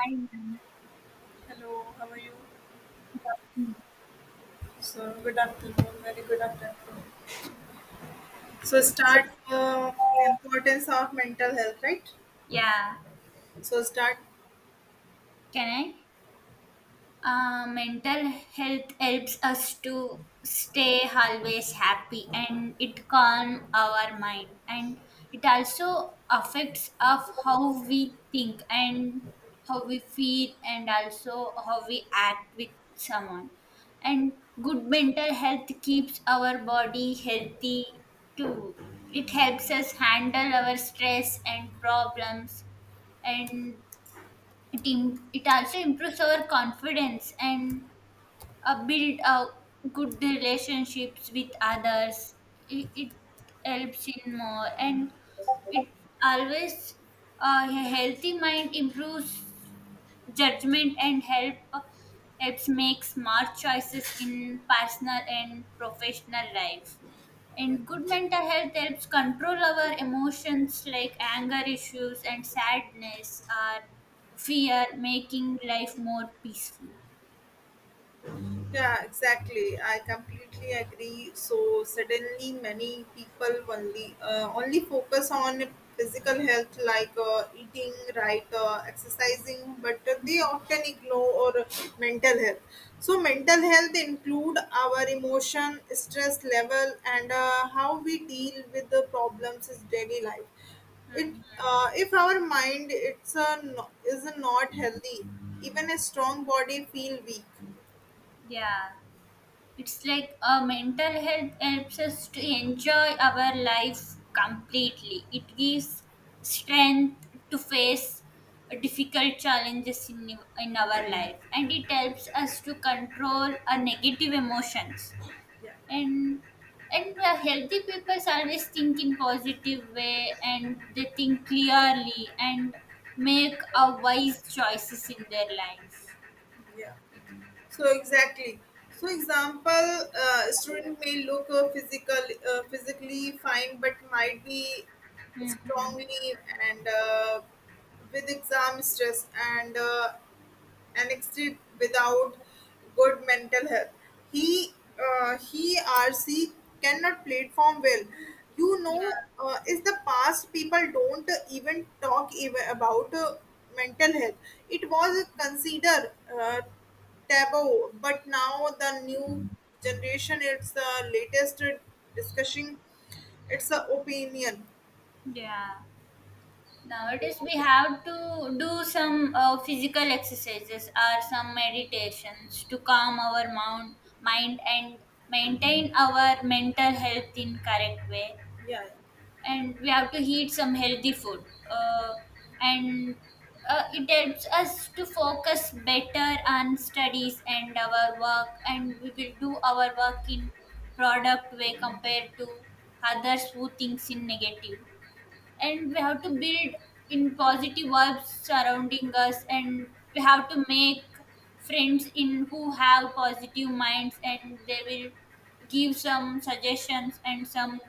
Hi, ma'am. Hello, how are you? Mm. So, good afternoon, very good afternoon. So, start importance of mental health, right? Yeah, So, start. can I? Mental health helps us to stay always happy, and it calms our mind, and it also affects of how we think and how we feel and also how we act with someone. And good mental health keeps our body healthy too. It helps us handle our stress and problems. And it also improves our confidence and build good relationships with others. It helps in more. And it always a healthy mind improves judgment and helps make smart choices in personal and professional life. And good mental health helps control our emotions like anger issues and sadness or fear, making life more peaceful. Yeah, exactly. I completely agree. So suddenly, many people only only focus on physical health, like eating right, exercising, but they often ignore mental health. So mental health include our emotion, stress level, and how we deal with the problems in daily life. It Mhm. If our mind it's a no, is not healthy, even a strong body feel weak. Yeah, it's like mental health helps us to enjoy our life completely. It gives strength to face difficult challenges in our life, and it helps us to control our negative emotions. Yeah, And and healthy people always think in positive way and they think clearly and make a wise choices in their life. yeah. So exactly. So example, student may look physically fine, but might be Mm-hmm. strongly and with exam stress and exit without good mental health. He he or she cannot platform well. You Yeah, know, is the past people don't even talk even about mental health. It was considered taboo, but now the new generation it's the latest discussion. It's the opinion. yeah. Nowadays, we have to do some physical exercises or some meditations to calm our mind and maintain our mental health in correct way. And we have to eat some healthy food. Uh, and It helps us to focus better on studies and our work. And we will do our work in product way compared to others who thinks in negative. And we have to build in positive vibes surrounding us, and we have to make friends in who have positive minds, and they will give some suggestions and some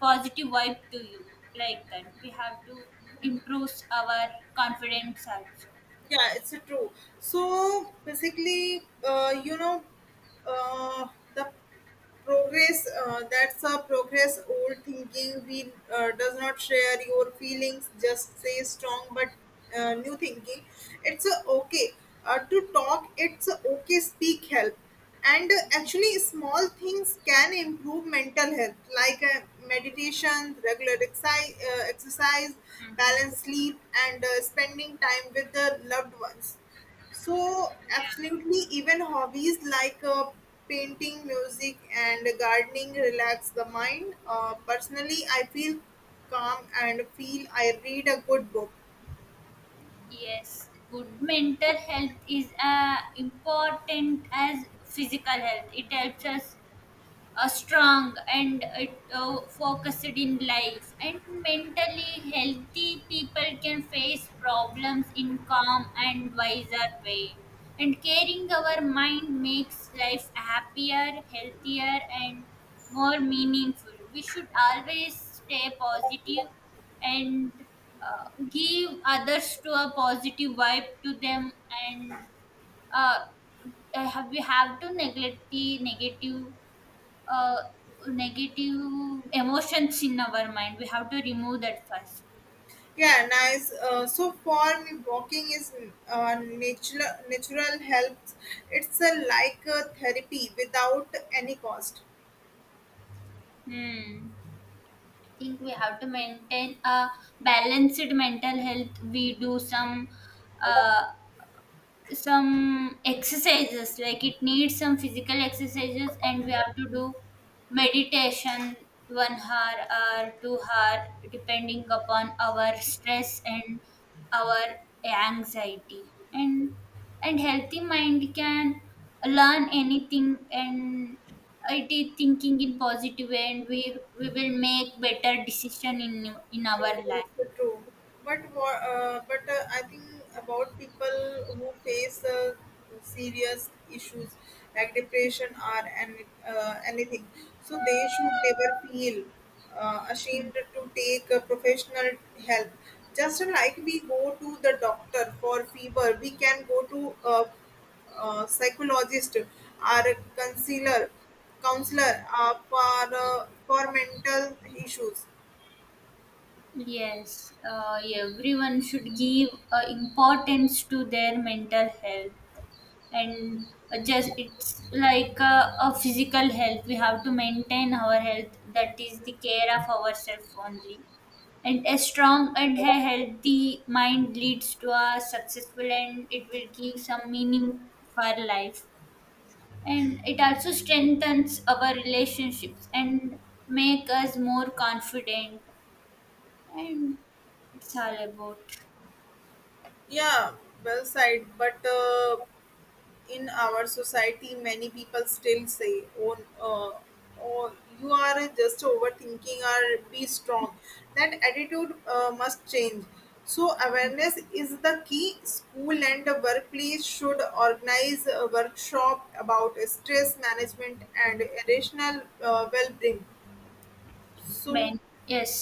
positive vibe to you. Like that, we have to improve our confidence also. Yeah, it's true. So basically, uh, the progress that's a progress old thinking we does not share your feelings just say strong, but new thinking it's okay to talk, it's okay speak help. And actually small things can improve mental health, like meditation, regular exercise, Mhm. balanced sleep and spending time with the loved ones. So, absolutely, even hobbies like painting, music, and gardening relax the mind. Personally, I feel calm and feel I read a good book. Yes, good mental health is important as physical health. It helps us strong and it focused in life, and mentally healthy people can face problems in calm and wiser way, and caring our mind makes life happier, healthier and more meaningful. We should always stay positive and give others to a positive vibe to them. And uh, uh, we have to neglect the uh, negative emotions in our mind. We have to remove that first. Yeah, nice. So for me, walking is natural. Natural helps. It's a like a therapy without any cost. Hmm. I think we have to maintain a balanced mental health. We do uh, some exercises like it needs some physical exercises, and we have to do meditation 1 hour or 2 hour depending upon our stress and our anxiety. And healthy mind can learn anything, and it is thinking in positive way, and we will make better decision in Yeah, our that's life. the true. But I think about people who face serious issues like depression or anything, so they should never feel Hmm. ashamed to take professional help. Just like we go to the doctor for fever, we can go to a, psychologist or a counselor for mental issues. Yes, everyone should give importance to their mental health, and just it's like a physical health. We have to maintain our health. That is the care of ourselves only. And a strong and a healthy mind leads to a successful, and it will give some meaning for life. And it also strengthens our relationships and make us more confident. and it's all about Yeah, well said. But in our society, many people still say, "Oh, uh, oh, you are just overthinking," or "Be strong." That attitude must change. So awareness is the key. School and the workplace should organize a workshop about stress management and rational well-being. So, men Yes,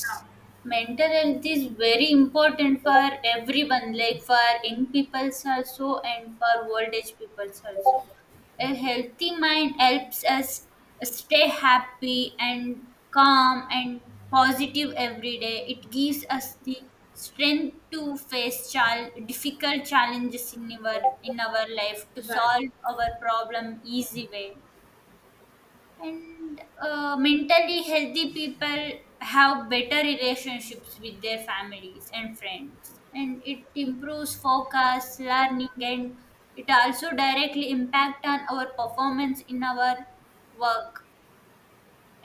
mental health is very important for everyone, like for young peoples also and for old age peoples also. A healthy mind helps us stay happy and calm and positive every day. It gives us the strength to face difficult challenges in our life, to right. solve our problem easy way. And mentally healthy people have better relationships with their families and friends, and it improves focus, learning, and it also directly impact on our performance in our work.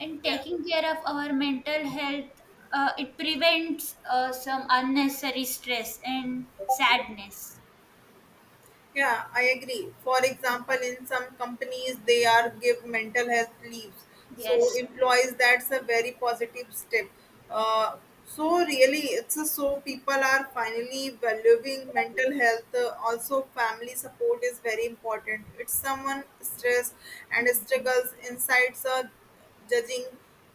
And Yeah. taking care of our mental health, it prevents some unnecessary stress and sadness. Yeah, I agree. For example, in some companies, they are give mental health leaves. So Yes. employees, that's a very positive step. Uh, so really, it's a, so people are finally valuing mental health. Also, family support is very important. It's someone stress and Mhm. struggles insights are judging.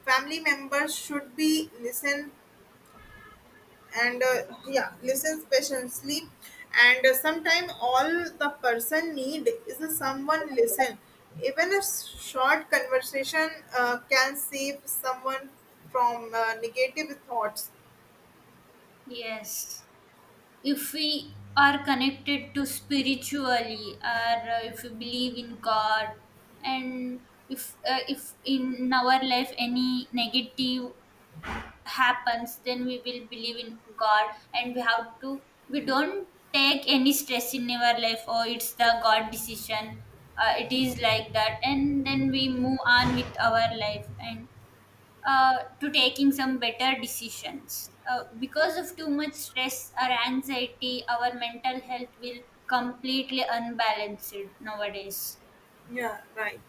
Family members should be listened and yeah, listens patiently and sometime all the person need is a someone listen, even a short conversation can save someone from negative thoughts. Yes, if we are connected to spiritually, or if we believe in god, and if in our life any negative happens, then we will believe in god, and we have to, we don't take any stress in our life. Or it's the god decision, it is like that, and then we move on with our life. And to taking some better decisions. Because of too much stress or anxiety, our mental health will completely unbalanced nowadays. Yeah, right.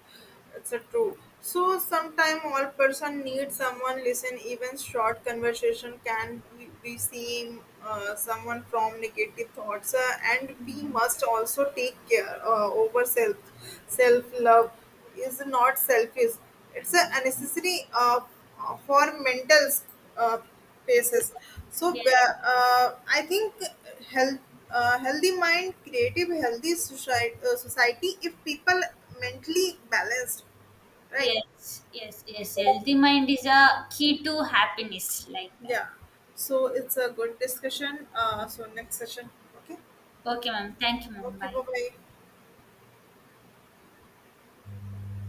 It's a true. So sometime all person need someone listen. Even short conversation can we see someone from negative thoughts, and we must also take care over self. Self love is not selfish. It's a unnecessary. For mental uh, paces. So Yes, I think health, healthy mind creative healthy society, society if people mentally balanced, right. yes, yes, yes. Healthy mind is a key to happiness, like that. Yeah, so it's a good discussion. So next session. Okay. Okay, ma'am. Thank you, ma'am. Okay, Bye. bye bye.